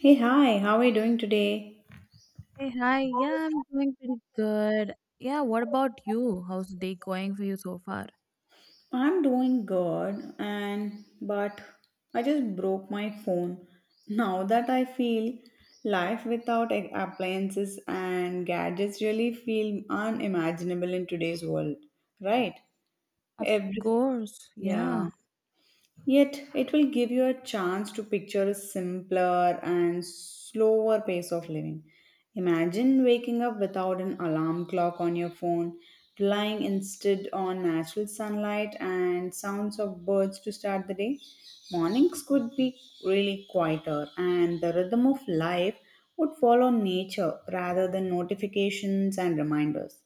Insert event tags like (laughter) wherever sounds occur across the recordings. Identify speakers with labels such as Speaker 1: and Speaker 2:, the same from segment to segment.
Speaker 1: Hey, hi, how are you doing today?
Speaker 2: Hey, hi. Yeah, I'm doing pretty good. Yeah, what about you? How's the day going for you so far?
Speaker 1: I'm doing good, and but I just broke my phone. Now that I feel life without appliances and gadgets really feel unimaginable in today's world, right?
Speaker 2: Of
Speaker 1: Every
Speaker 2: course. Yeah.
Speaker 1: yeah. Yet, it will give you a chance to picture a simpler and slower pace of living. Imagine waking up without an alarm clock on your phone, relying instead on natural sunlight and sounds of birds to start the day. Mornings could be really quieter, and the rhythm of life would follow nature rather than notifications and reminders.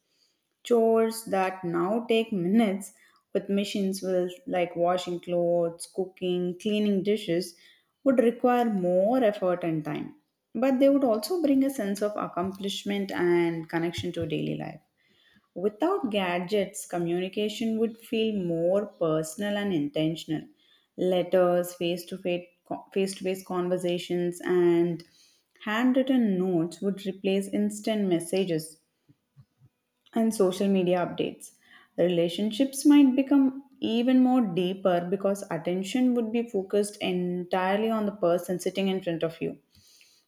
Speaker 1: Chores that now take minutes with machines will like washing clothes, cooking, cleaning dishes would require more effort and time. But they would also bring a sense of accomplishment and connection to daily life. Without gadgets, communication would feel more personal and intentional. Letters, face to face conversations, and handwritten notes would replace instant messages and social media updates. Relationships might become even more deeper because attention would be focused entirely on the person sitting in front of you.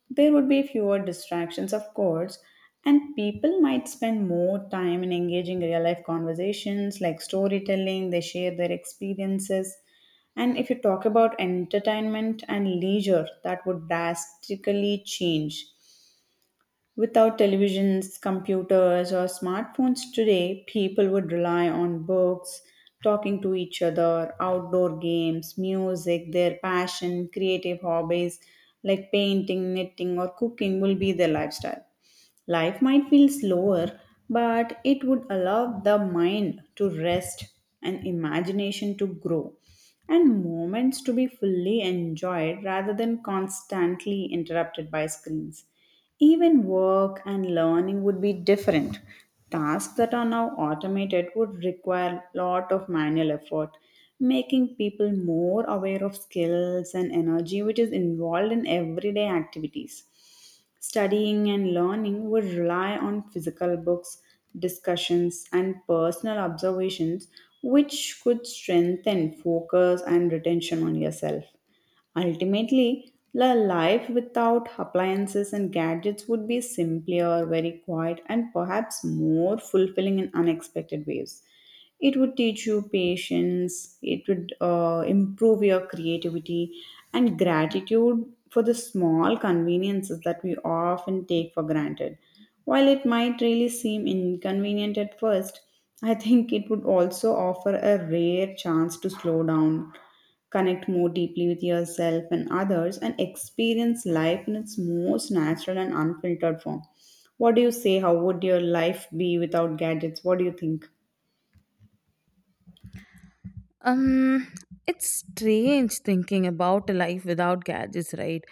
Speaker 1: There would be fewer distractions, of course, and people might spend more time in engaging real life conversations like storytelling, they share their experiences. And if you talk about entertainment and leisure, that would drastically change. Without televisions, computers, or smartphones today, people would rely on books, talking to each other, outdoor games, music, their passion, creative hobbies like painting, knitting, or cooking will be their lifestyle. Life might feel slower, but it would allow the mind to rest and imagination to grow and moments to be fully enjoyed rather than constantly interrupted by screens. Even work and learning would be different. Tasks that are now automated would require a lot of manual effort, making people more aware of skills and energy which is involved in everyday activities. Studying and learning would rely on physical books, discussions, and personal observations, which could strengthen focus and retention on yourself. Ultimately, the life without appliances and gadgets would be simpler, very quiet, and perhaps more fulfilling in unexpected ways. It would teach you patience. It would improve your creativity and gratitude for the small conveniences that we often take for granted. While it might really seem inconvenient at first, I think it would also offer a rare chance to slow down, connect more deeply with yourself and others, and experience life in its most natural and unfiltered form. What do you say? How would your life be without gadgets? What do you think?
Speaker 2: Um, it's strange thinking about a life without gadgets, right?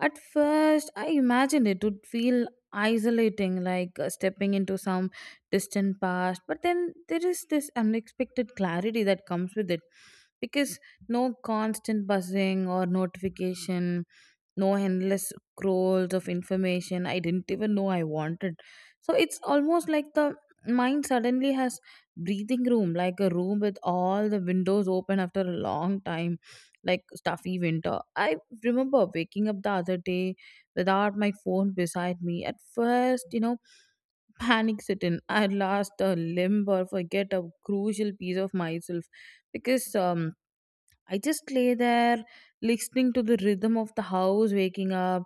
Speaker 2: At first, I imagined it would feel isolating, like stepping into some distant past. But then there is this unexpected clarity that comes with it because no constant buzzing or notification, no endless scrolls of information I didn't even know I wanted. So it's almost like the mind suddenly has breathing room, like a room with all the windows open after a long time, like stuffy winter. I remember waking up the other day without my phone beside me at first. (laughs) Panic set in, I lost a limb or forget a crucial piece of myself because I just lay there listening to the rhythm of the house waking up,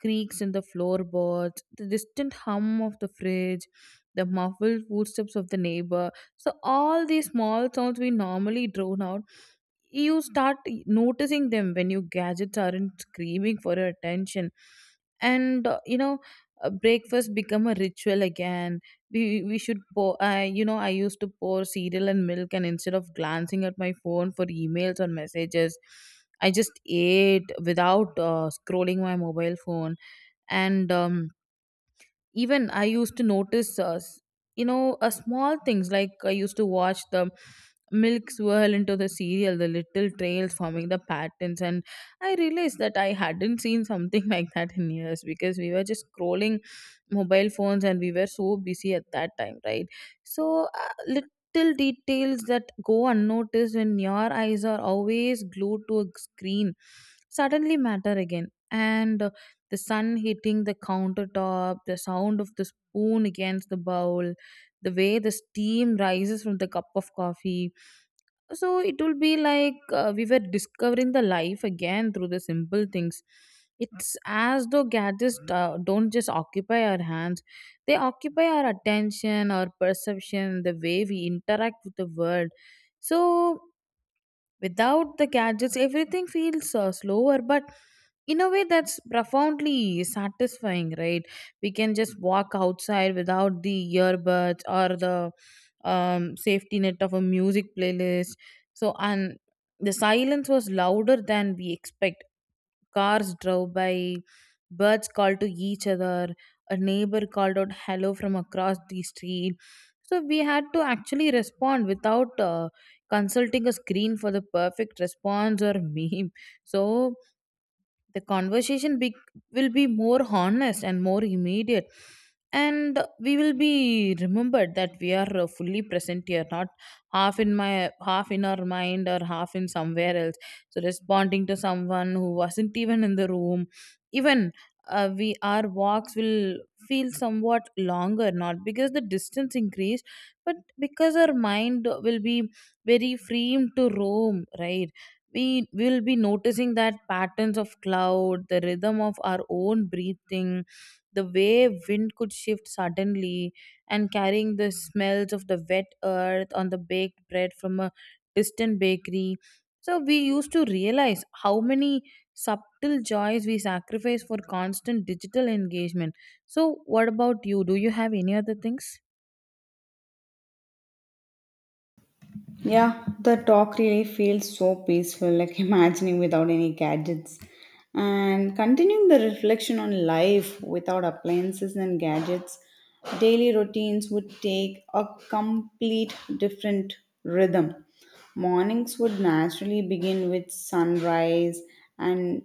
Speaker 2: creaks in the floorboards, the distant hum of the fridge, the muffled footsteps of the neighbor. So all these small sounds we normally drown out, you start noticing them when your gadgets aren't screaming for your attention. And breakfast become a ritual again. We we should pour i you know i used to pour cereal and milk, and instead of glancing at my phone for emails or messages, I just ate without scrolling my mobile phone. And even I used to notice small things, like I used to watch the milk swirl into the cereal, the little trails forming the patterns, and I realized that I hadn't seen something (laughs) like that in years, because we were just scrolling mobile phones and we were so busy at that time, right? So little details that go unnoticed when your eyes are always glued to a screen suddenly matter again, and the sun hitting the countertop, the sound of the spoon against the bowl, the way the steam rises from the cup of coffee. So it will be like we were discovering the life again through the simple things. It's as though gadgets don't just occupy our hands, they occupy our attention, our perception, the way we interact with the world. So without the gadgets, everything feels slower, but in a way that's profoundly satisfying, right? We can just walk outside without the earbuds or the safety net of a music playlist. So, and the silence was louder than we expect. Cars drove by, birds called to each other, a neighbor called out hello from across the street, so we had to actually respond without consulting a screen for the perfect response or (laughs) meme. So the will be more honest and more immediate, and we will be remembered that we are fully present here, not half in my, half in our mind, or half in somewhere else. So responding to someone who wasn't even in the room. Even we our walks will feel somewhat longer, not because the distance increased, but because our mind will be very free to roam, right? We will be noticing that patterns of cloud, the rhythm of our own breathing, the way wind could shift suddenly, and carrying the smells of the wet earth on the baked bread from a distant bakery. So we used to realize how many subtle joys we sacrifice for constant digital engagement. So, what about you? Do you have any other things?
Speaker 1: Yeah, the talk really feels so peaceful, like (laughs) imagining without any gadgets. And continuing the reflection on life without appliances and gadgets, daily routines would take a complete different rhythm. Mornings would naturally begin with sunrise and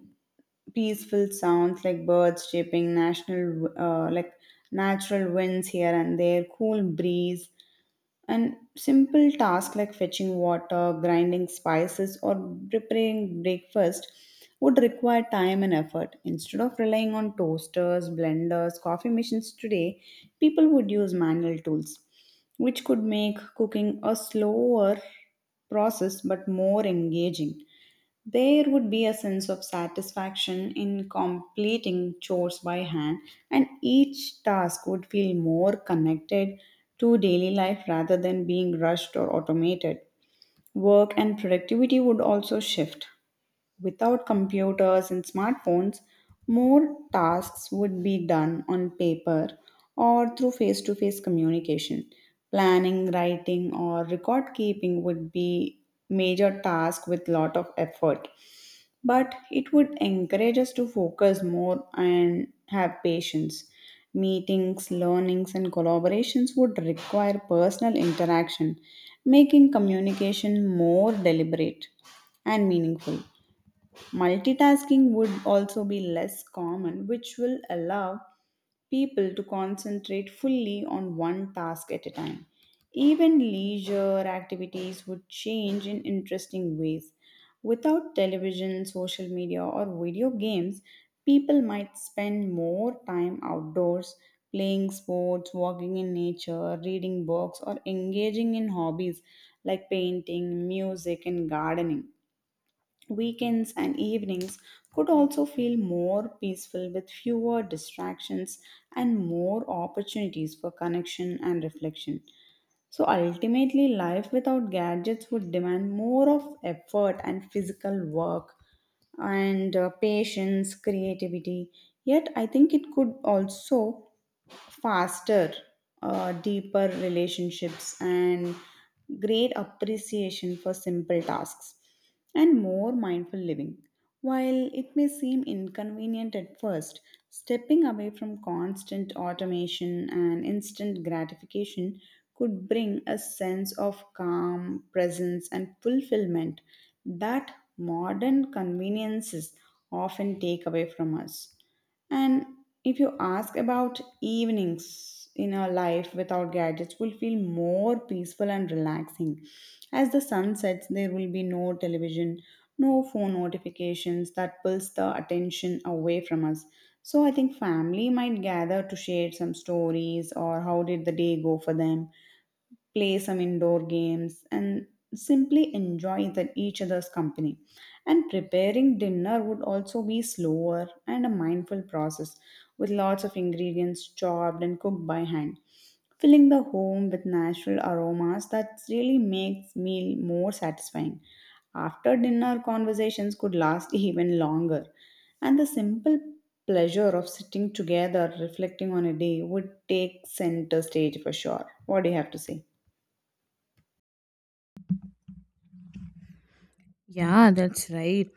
Speaker 1: peaceful sounds like birds chirping, national like natural winds here and there, cool breeze, and simple tasks like fetching water, grinding spices, or preparing breakfast would require time and effort. Instead of relying on toasters, blenders, coffee machines today, people would use manual tools, which could make cooking a slower process but more engaging. There would be a sense of satisfaction in completing chores by hand, and each task would feel more connected to daily life rather than being rushed or automated. Work and productivity would also shift. Without computers and smartphones, more tasks would be done on paper or through face to face communication. Planning, writing, or record keeping would be major task with lot of effort but it would encourage us to focus more and have patience. Meetings, learnings, and collaborations would require personal interaction, making communication more deliberate and meaningful. Multitasking would also be less common, which will allow people to concentrate fully on one task at a time. Even leisure activities would change in interesting ways. Without television, social media, or video games, people might spend more time outdoors playing sports, walking in nature, reading books, or engaging in hobbies like painting, music, and gardening. Weekends and evenings could also feel more peaceful with fewer distractions and more opportunities for connection and reflection. So ultimately, life without gadgets would demand more of effort and physical work and patience, creativity. Yet, I think it could also faster, deeper relationships and great appreciation for simple tasks and more mindful living. While it may seem inconvenient at first, stepping away from constant automation and instant gratification could bring a sense of calm, presence, and fulfillment that modern conveniences often take away from us. And if you ask about evenings in a life without gadgets will feel more peaceful and relaxing. As the sun sets, there will be no television, no phone notifications that pulls the attention away from us. So I think family might gather to share some stories or how did the day go for them, play some indoor games, and simply enjoy the, each other's company. And preparing dinner would also be slower and a mindful process with lots of ingredients chopped and cooked by hand. Filling the home with natural aromas that really makes meal more satisfying. After dinner, conversations could last (laughs) even longer, and the simple pleasure of sitting together reflecting on a day would take center stage for sure. What do you have to say?
Speaker 2: Yeah, that's right.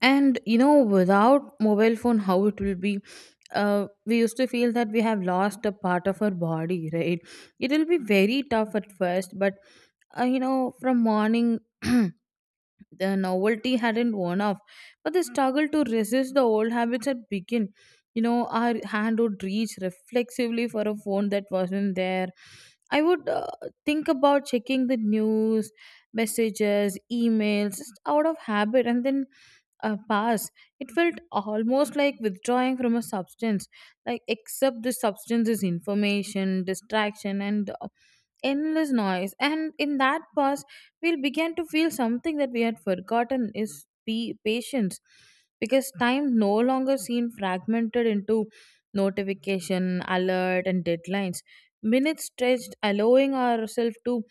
Speaker 2: And you know, without mobile phone, how it will be? We used to feel that we have lost a part of our body, right? It will be very tough at first, but you know, from morning (clears throat) the novelty hadn't worn off, but the struggle to resist the old habits had begun. You know, our hand would reach reflexively for a phone that wasn't there. I would think about checking the news, messages, emails, just out of habit, and then pass. It felt almost like withdrawing from a substance, like except the substance is information, distraction, and endless noise. And in that pause, we began to feel something that we had forgotten is be patience, because time no longer seemed fragmented into notification alert and deadlines. Minutes stretched, allowing ourselves to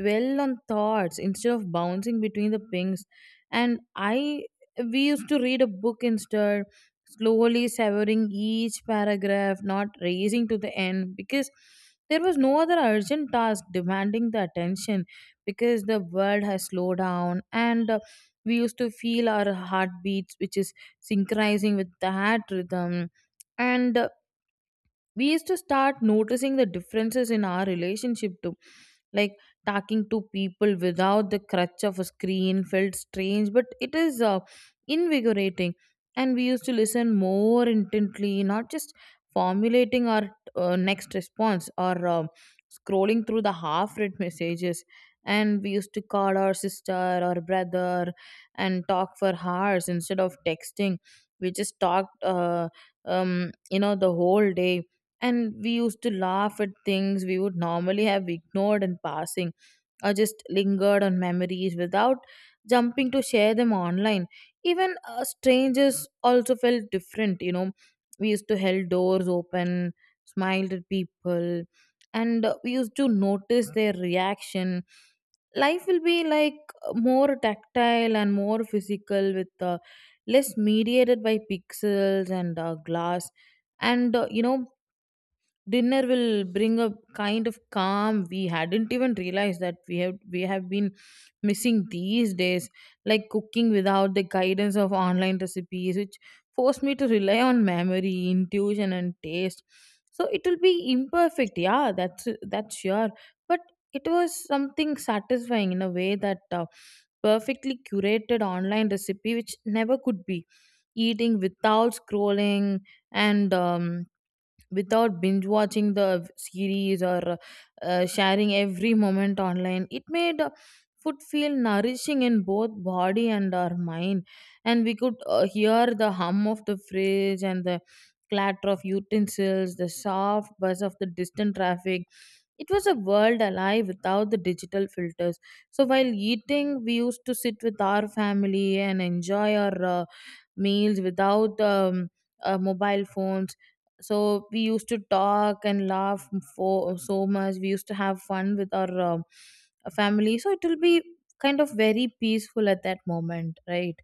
Speaker 2: dwell on thoughts instead of bouncing between the pings. And I We used to read a book instead, slowly savoring each paragraph, not racing to the end, because there was no other urgent task demanding the attention. Because the world has slowed down, and we used to feel our heartbeats which is synchronizing with that rhythm. And we used to start noticing the differences in our relationship too, like talking to people without the crutch of a screen felt strange, but it is invigorating. And we used to listen more intently, not just formulating our next response, or scrolling through the half read messages. And we used to call our sister or brother and talk for hours instead of texting. We just talked you know, the whole day. And we used to laugh at things we would normally have ignored in passing, or just lingered on memories without jumping to share them online. Even strangers also felt different, you know. We used to held doors open, smiled at people, and we used to notice their reaction. Life will be like more tactile and more physical, with less mediated by pixels and glass. And you know, dinner will bring a kind of calm we hadn't even realized that we have been missing these days, like cooking without the guidance of online recipes, which forced me to rely on memory, intuition and taste. So it will be imperfect, yeah, that's sure. But it was something satisfying in a way that perfectly curated online recipe which never could be. Eating without scrolling, and without binge watching the series, or sharing every moment online. It made food feel nourishing in both body and our mind, and we could hear the hum of the fridge and the clatter of utensils, the soft buzz of the distant traffic. It was a world alive without the digital filters. So while eating, we used to sit with our family and enjoy our meals, without mobile phones. So we used to talk and laugh for so much. We used to have fun with our family. So it will be kind of very peaceful at that moment, right?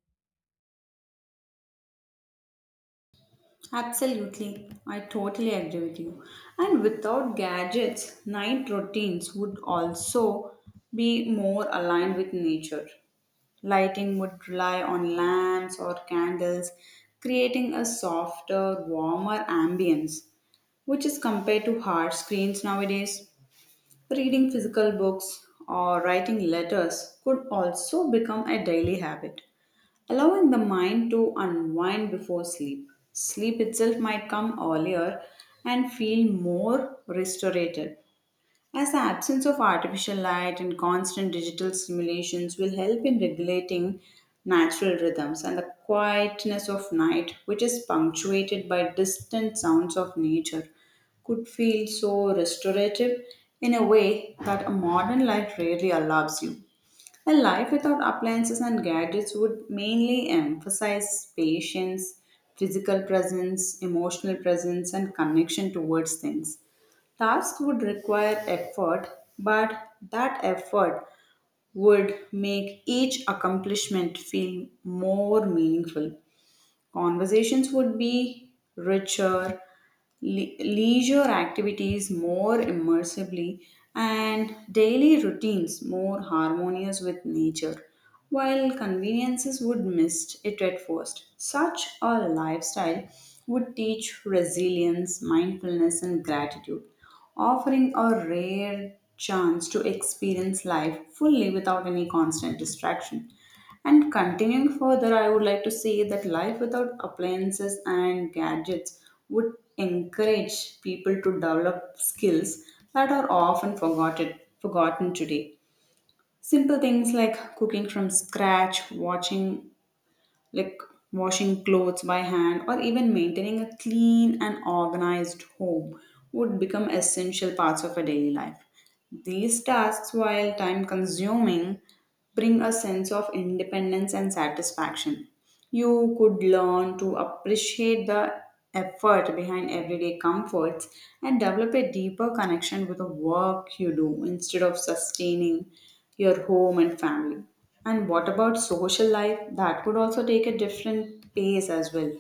Speaker 1: Absolutely. I totally agree with you. And without gadgets, night routines would also be more aligned with nature. Lighting would rely on lamps or candles, creating a softer, warmer ambience, which is compared to hard screens nowadays. Reading physical books or writing letters could also become a daily habit allowing the mind to unwind before sleep. Sleep itself might come earlier and feel more restorative, as the absence of artificial light and constant digital stimulations will help in regulating natural rhythms and the quietness of night, which is punctuated by distant sounds of nature, could feel so restorative in a way that a modern life rarely allows you. A life without appliances and gadgets would mainly emphasize patience, physical presence, emotional presence, and connection towards things. Tasks would require effort, but that effort would make each accomplishment feel more meaningful. Conversations would be richer, leisure activities more immersively, and daily routines more harmonious with nature, while conveniences would miss it at first. Such a lifestyle would teach resilience, mindfulness, and gratitude, offering a rare chance to experience life fully without any constant distraction. And continuing further, I would like to say that life without appliances and gadgets would encourage people to develop skills that are often forgotten today. Simple things like cooking from scratch, watching like washing clothes by hand, or even maintaining a clean and organized home would become essential parts of a daily life. These tasks, while time consuming, bring a sense of independence and satisfaction. You could learn to appreciate the effort behind everyday comforts and develop a deeper connection with the work you do instead of sustaining your home and family. And what about social life? That could also take a different pace as well.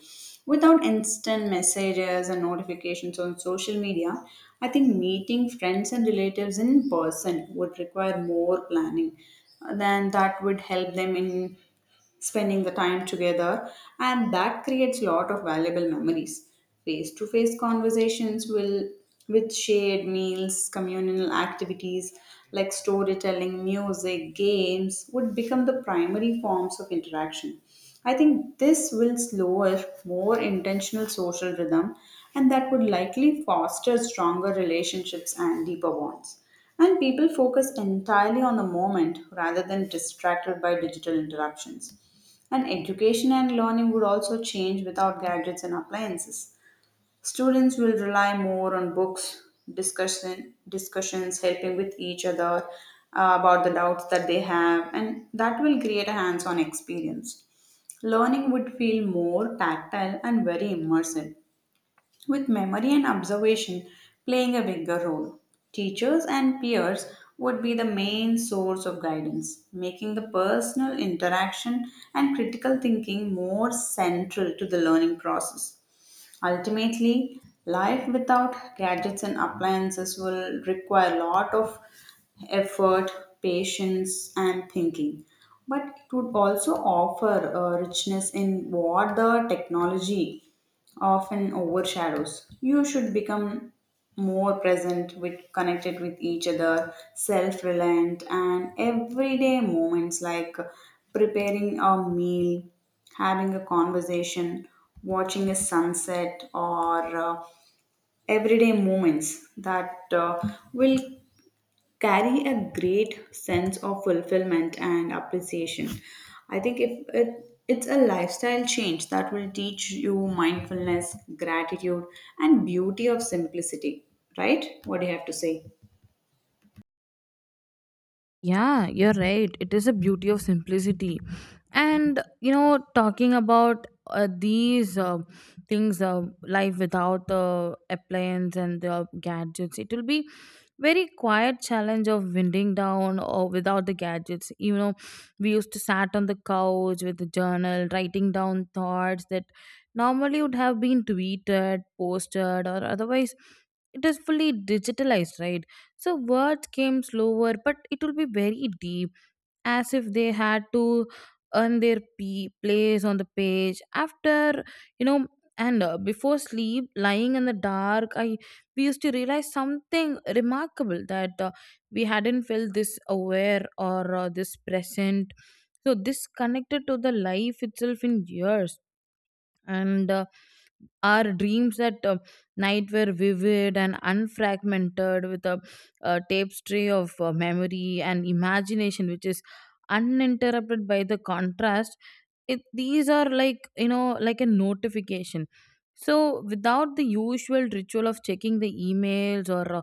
Speaker 1: Without instant messages and notifications on social media, I think meeting friends and relatives in person would require more planning than that would help them in spending the time together and that creates a lot of valuable memories. Face to face conversations will, with shared meals, communal activities like storytelling, music, games would become the primary forms of interaction. I think this will slower more intentional social rhythm, and that would likely foster stronger relationships and deeper bonds, and people focus entirely on the moment rather than distracted by digital interruptions. And education and learning would also change without gadgets and appliances. Students will rely more on books, discussions, helping with each other about the doubts that they have, and that will create a hands on experience. Learning would feel more tactile and very immersive with memory and observation playing a bigger role. Teachers and peers would be the main source of guidance, making the personal interaction and critical thinking more central to the learning process. Ultimately, life without gadgets and appliances will require a lot of effort, patience, and thinking. But it would also offer a richness in what the technology often overshadows. You should become more present with connected with each other, self-reliant, and everyday moments like preparing a meal, having a conversation, watching a sunset, or everyday moments that will carry a great sense of fulfillment and appreciation. I think if it it's a lifestyle change that will teach you mindfulness, gratitude, and beauty of simplicity. Right? What do you have to say?
Speaker 2: Yeah, you're right. It is a beauty of simplicity. And, you know, talking about these things, life without the appliance and the gadgets, it will be very quiet challenge of winding down or without the gadgets. You know, we used to sat on the couch with the journal, writing down thoughts that normally would have been tweeted, posted, or otherwise it is fully digitalized, right? So words came slower, but it will be very deep, as if they had to earn their p place on the page. After you know, and before sleep, lying in the dark, I we used to realize something remarkable, that we hadn't felt this aware or this present. So this connected to the life itself in years, and our dreams at night were vivid and unfragmented, with a tapestry of memory and imagination, which is uninterrupted by the contrast. It, these are like, you know, like a notification. So, without the usual ritual of checking the emails or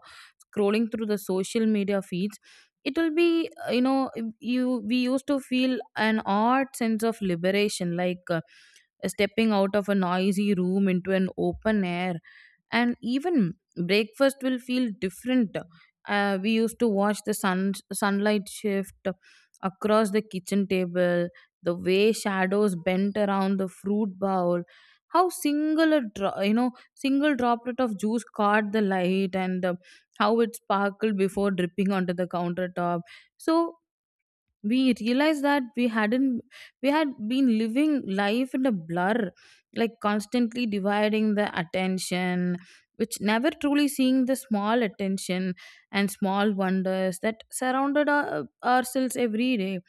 Speaker 2: scrolling through the social media feeds, it will be you know you we used to feel an odd sense of liberation, like stepping out of a noisy room into an open air. And even breakfast will feel different. We used to watch the sunlight shift across the kitchen table, the way shadows bent around the fruit bowl, how you know, single droplet of juice caught the light, and how it sparkled before dripping onto the countertop. So we realized that we hadn't we had been living life in a blur, like constantly dividing the attention, which never truly seeing the small attention and small wonders that surrounded ourselves every day.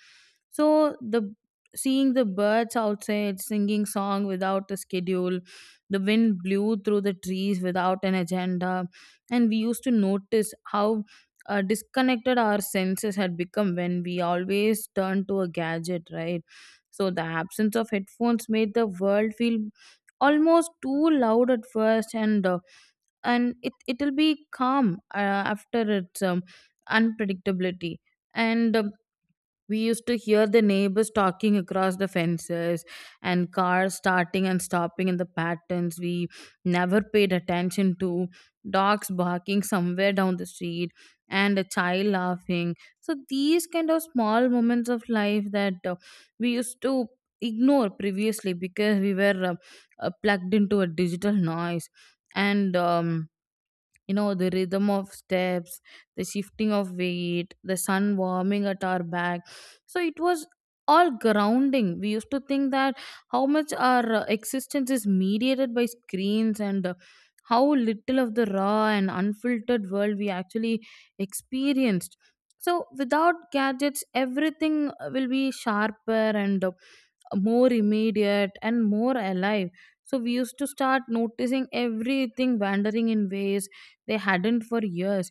Speaker 2: So the seeing the birds outside singing song without a schedule, the wind blew through the trees without an agenda. And we used to notice how disconnected our senses had become when we always turn to a gadget, right? So the absence of headphones made the world feel almost too loud at first, and it it'll be calm after its unpredictability. And we used to hear the neighbors talking across the fences, and cars starting and stopping in the patterns we never paid attention to, dogs barking somewhere down the street, and a child laughing. So, these kind of small moments of life that we used to ignore previously because we were plugged into a digital noise. And You know, the rhythm of steps, the shifting of weight, the sun warming at our back, so it was all grounding. We used to think that how much our existence is mediated by screens, and how little of the raw and unfiltered world we actually experienced. So without gadgets, everything will be sharper and more immediate and more alive. So we used to start noticing everything wandering in ways they hadn't for years.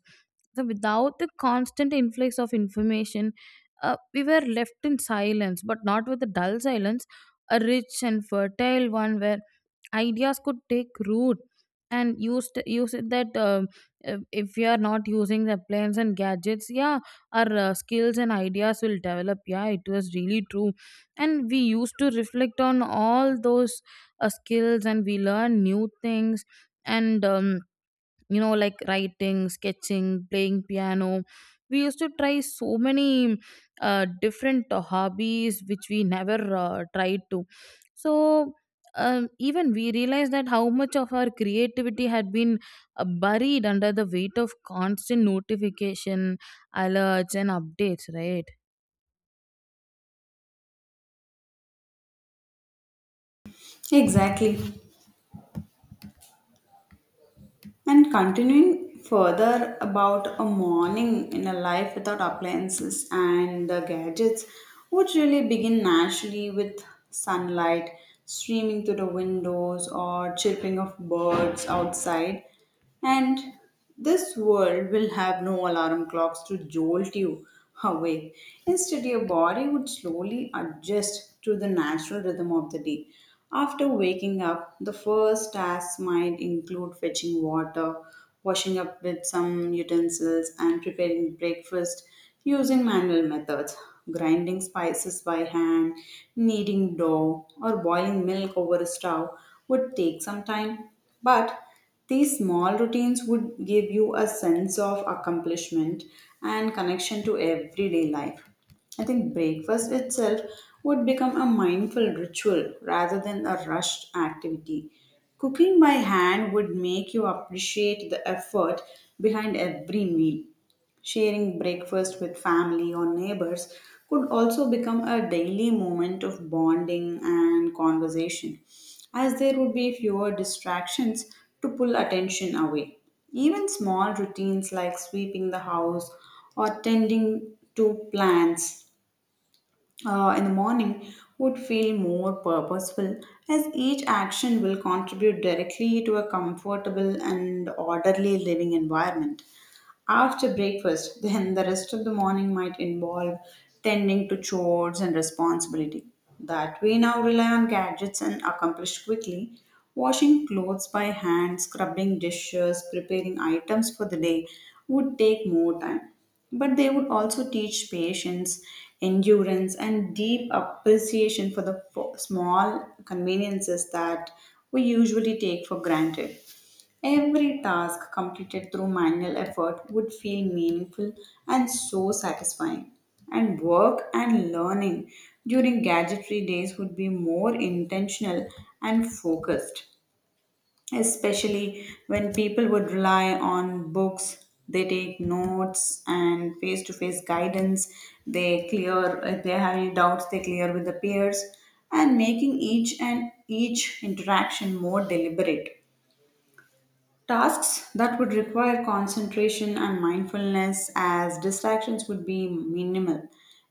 Speaker 2: So without the constant influx of information, we were left in silence, but not with a dull silence, a rich and fertile one where ideas could take root and use it. That if we are not using the plans and gadgets, yeah, our skills and ideas will develop. Yeah, it was really true. And we used to reflect on all those skills, and we learn new things. And You know, like writing, sketching, playing piano, we used to try so many different hobbies which we never tried to. So even we realized that how much of our creativity had been buried under the weight of constant notification alerts and updates, right?
Speaker 1: Exactly. And continuing further about a morning in a life without appliances and the gadgets would really begin naturally with sunlight streaming through the windows or chirping of birds outside, and this world will have no alarm clocks to jolt you awake. Instead, your body would slowly adjust to the natural rhythm of the day. After waking up, the first tasks might include fetching water, washing up with some utensils, and preparing breakfast using manual methods. Grinding spices by hand, kneading dough, or boiling milk over a stove would take some time. But these small routines would give you a sense of accomplishment and connection to everyday life. I think breakfast itself would become a mindful ritual rather than a rushed activity. Cooking by hand would make you appreciate the effort behind every meal. Sharing breakfast with family or neighbors could also become a daily moment of bonding and conversation, as there would be fewer distractions to pull attention away. Even small routines like sweeping the house or tending to plants in the morning would feel more purposeful, as each action will contribute directly to a comfortable and orderly living environment. After breakfast, then the rest of the morning might involve tending to chores and responsibility that we now rely on gadgets and accomplish quickly. Washing clothes by hand, scrubbing dishes, preparing items for the day would take more time. But they would also teach patience, endurance, and deep appreciation for the small conveniences that we usually take for granted. Every task completed through manual effort would feel meaningful and so satisfying. And work and learning during gadgetry days would be more intentional and focused, especially when people would rely on books, they take notes and face to face guidance, they clear if they have any doubts, they clear with the peers, and making each and each interaction more deliberate. Tasks that would require concentration and mindfulness as distractions would be minimal.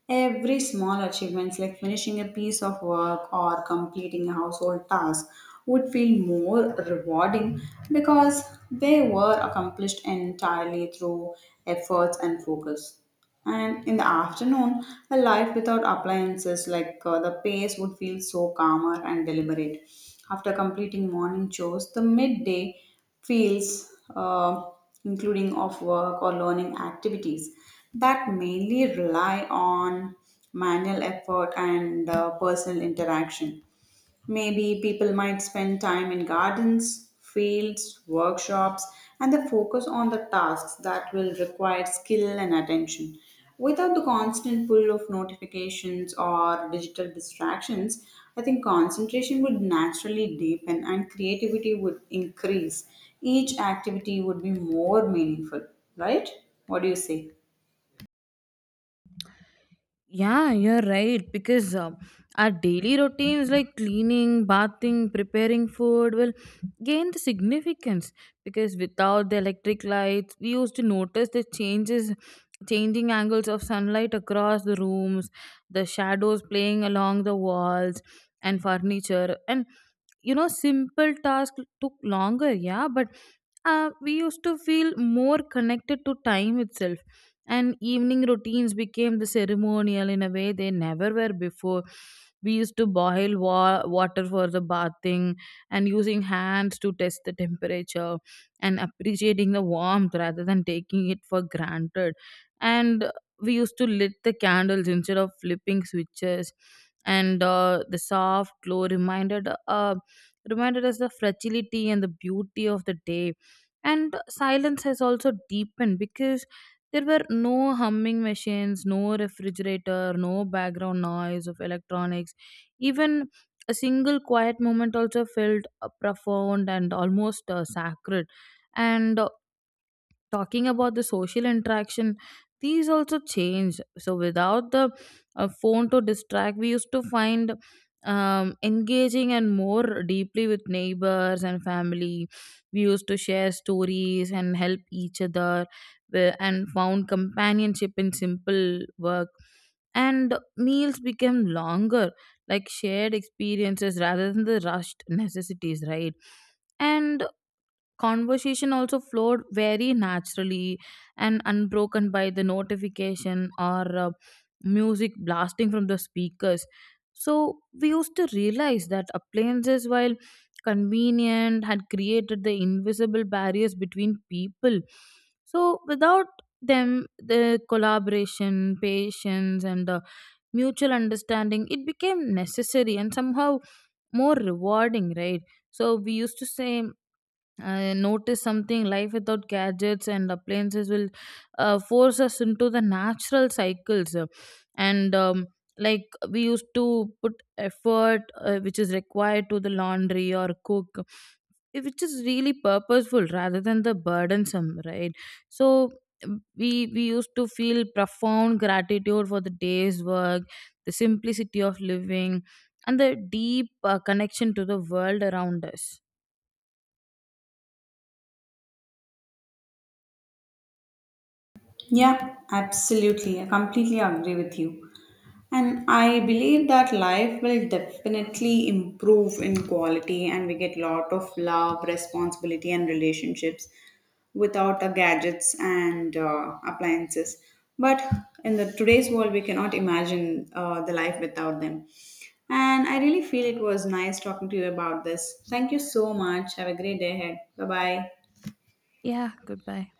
Speaker 1: Every small achievements like finishing a piece of work or completing a household task would feel more rewarding because they were accomplished entirely through efforts and focus. And in the afternoon, a life without appliances like the pace would feel so calmer and deliberate. After completing morning chores, the midday fields, uh, including of work or learning activities that mainly rely on manual effort and personal interaction. Maybe people might spend time in gardens, fields, workshops, and they focus on the tasks that will require skill and attention. Without the constant pull of notifications or digital distractions, I think concentration would naturally deepen and creativity would increase. Each activity would be more meaningful, right? What do you say?
Speaker 2: Yeah, you're right. Because our daily routines like cleaning, bathing, preparing food will gain the significance. Because without the electric lights, we used to notice the changes, changing angles of sunlight across the rooms, the shadows playing along the walls and furniture. And you know, simple tasks took longer, yeah, but we used to feel more connected to time itself, and evening routines became the ceremonial in a way they never were before. We used to boil water for the bathing and using hands to test the temperature and appreciating the warmth rather than taking it for granted. And we used to lit the candles instead of flipping switches, and the soft glow reminded us the fragility and the beauty of the day. And silence has also deepened because there were no humming machines, no refrigerator, no background noise of electronics. Even a single quiet moment also felt profound and almost sacred. And talking about the social interaction, these also change. So without the phone to distract, we used to find engaging and more deeply with neighbors and family. We used to share stories and help each other and found companionship in simple work, and meals became longer, like shared experiences rather than the rushed necessities, right? And conversation also flowed very naturally and unbroken by the notification or music blasting from the speakers. So we used to realize that appliances, while convenient, had created the invisible barriers between people. So without them, the collaboration, patience, and the mutual understanding, it became necessary and somehow more rewarding, right? So we used to say I noticed something: life without gadgets and appliances will force us into the natural cycles, and like we used to put effort which is required to the laundry or cook, which is really purposeful rather than the burdensome, right? So we used to feel profound gratitude for the day's work, the simplicity of living, and the deep connection to the world around us.
Speaker 1: Yeah, absolutely. I completely agree with you. And I believe that life will definitely improve in quality and we get lot of love, responsibility and relationships without the gadgets and appliances. But in the today's world, we cannot imagine the life without them. And I really feel it was nice talking to you about this. Thank you so much. Have a great day ahead. Bye bye.
Speaker 2: Yeah, goodbye.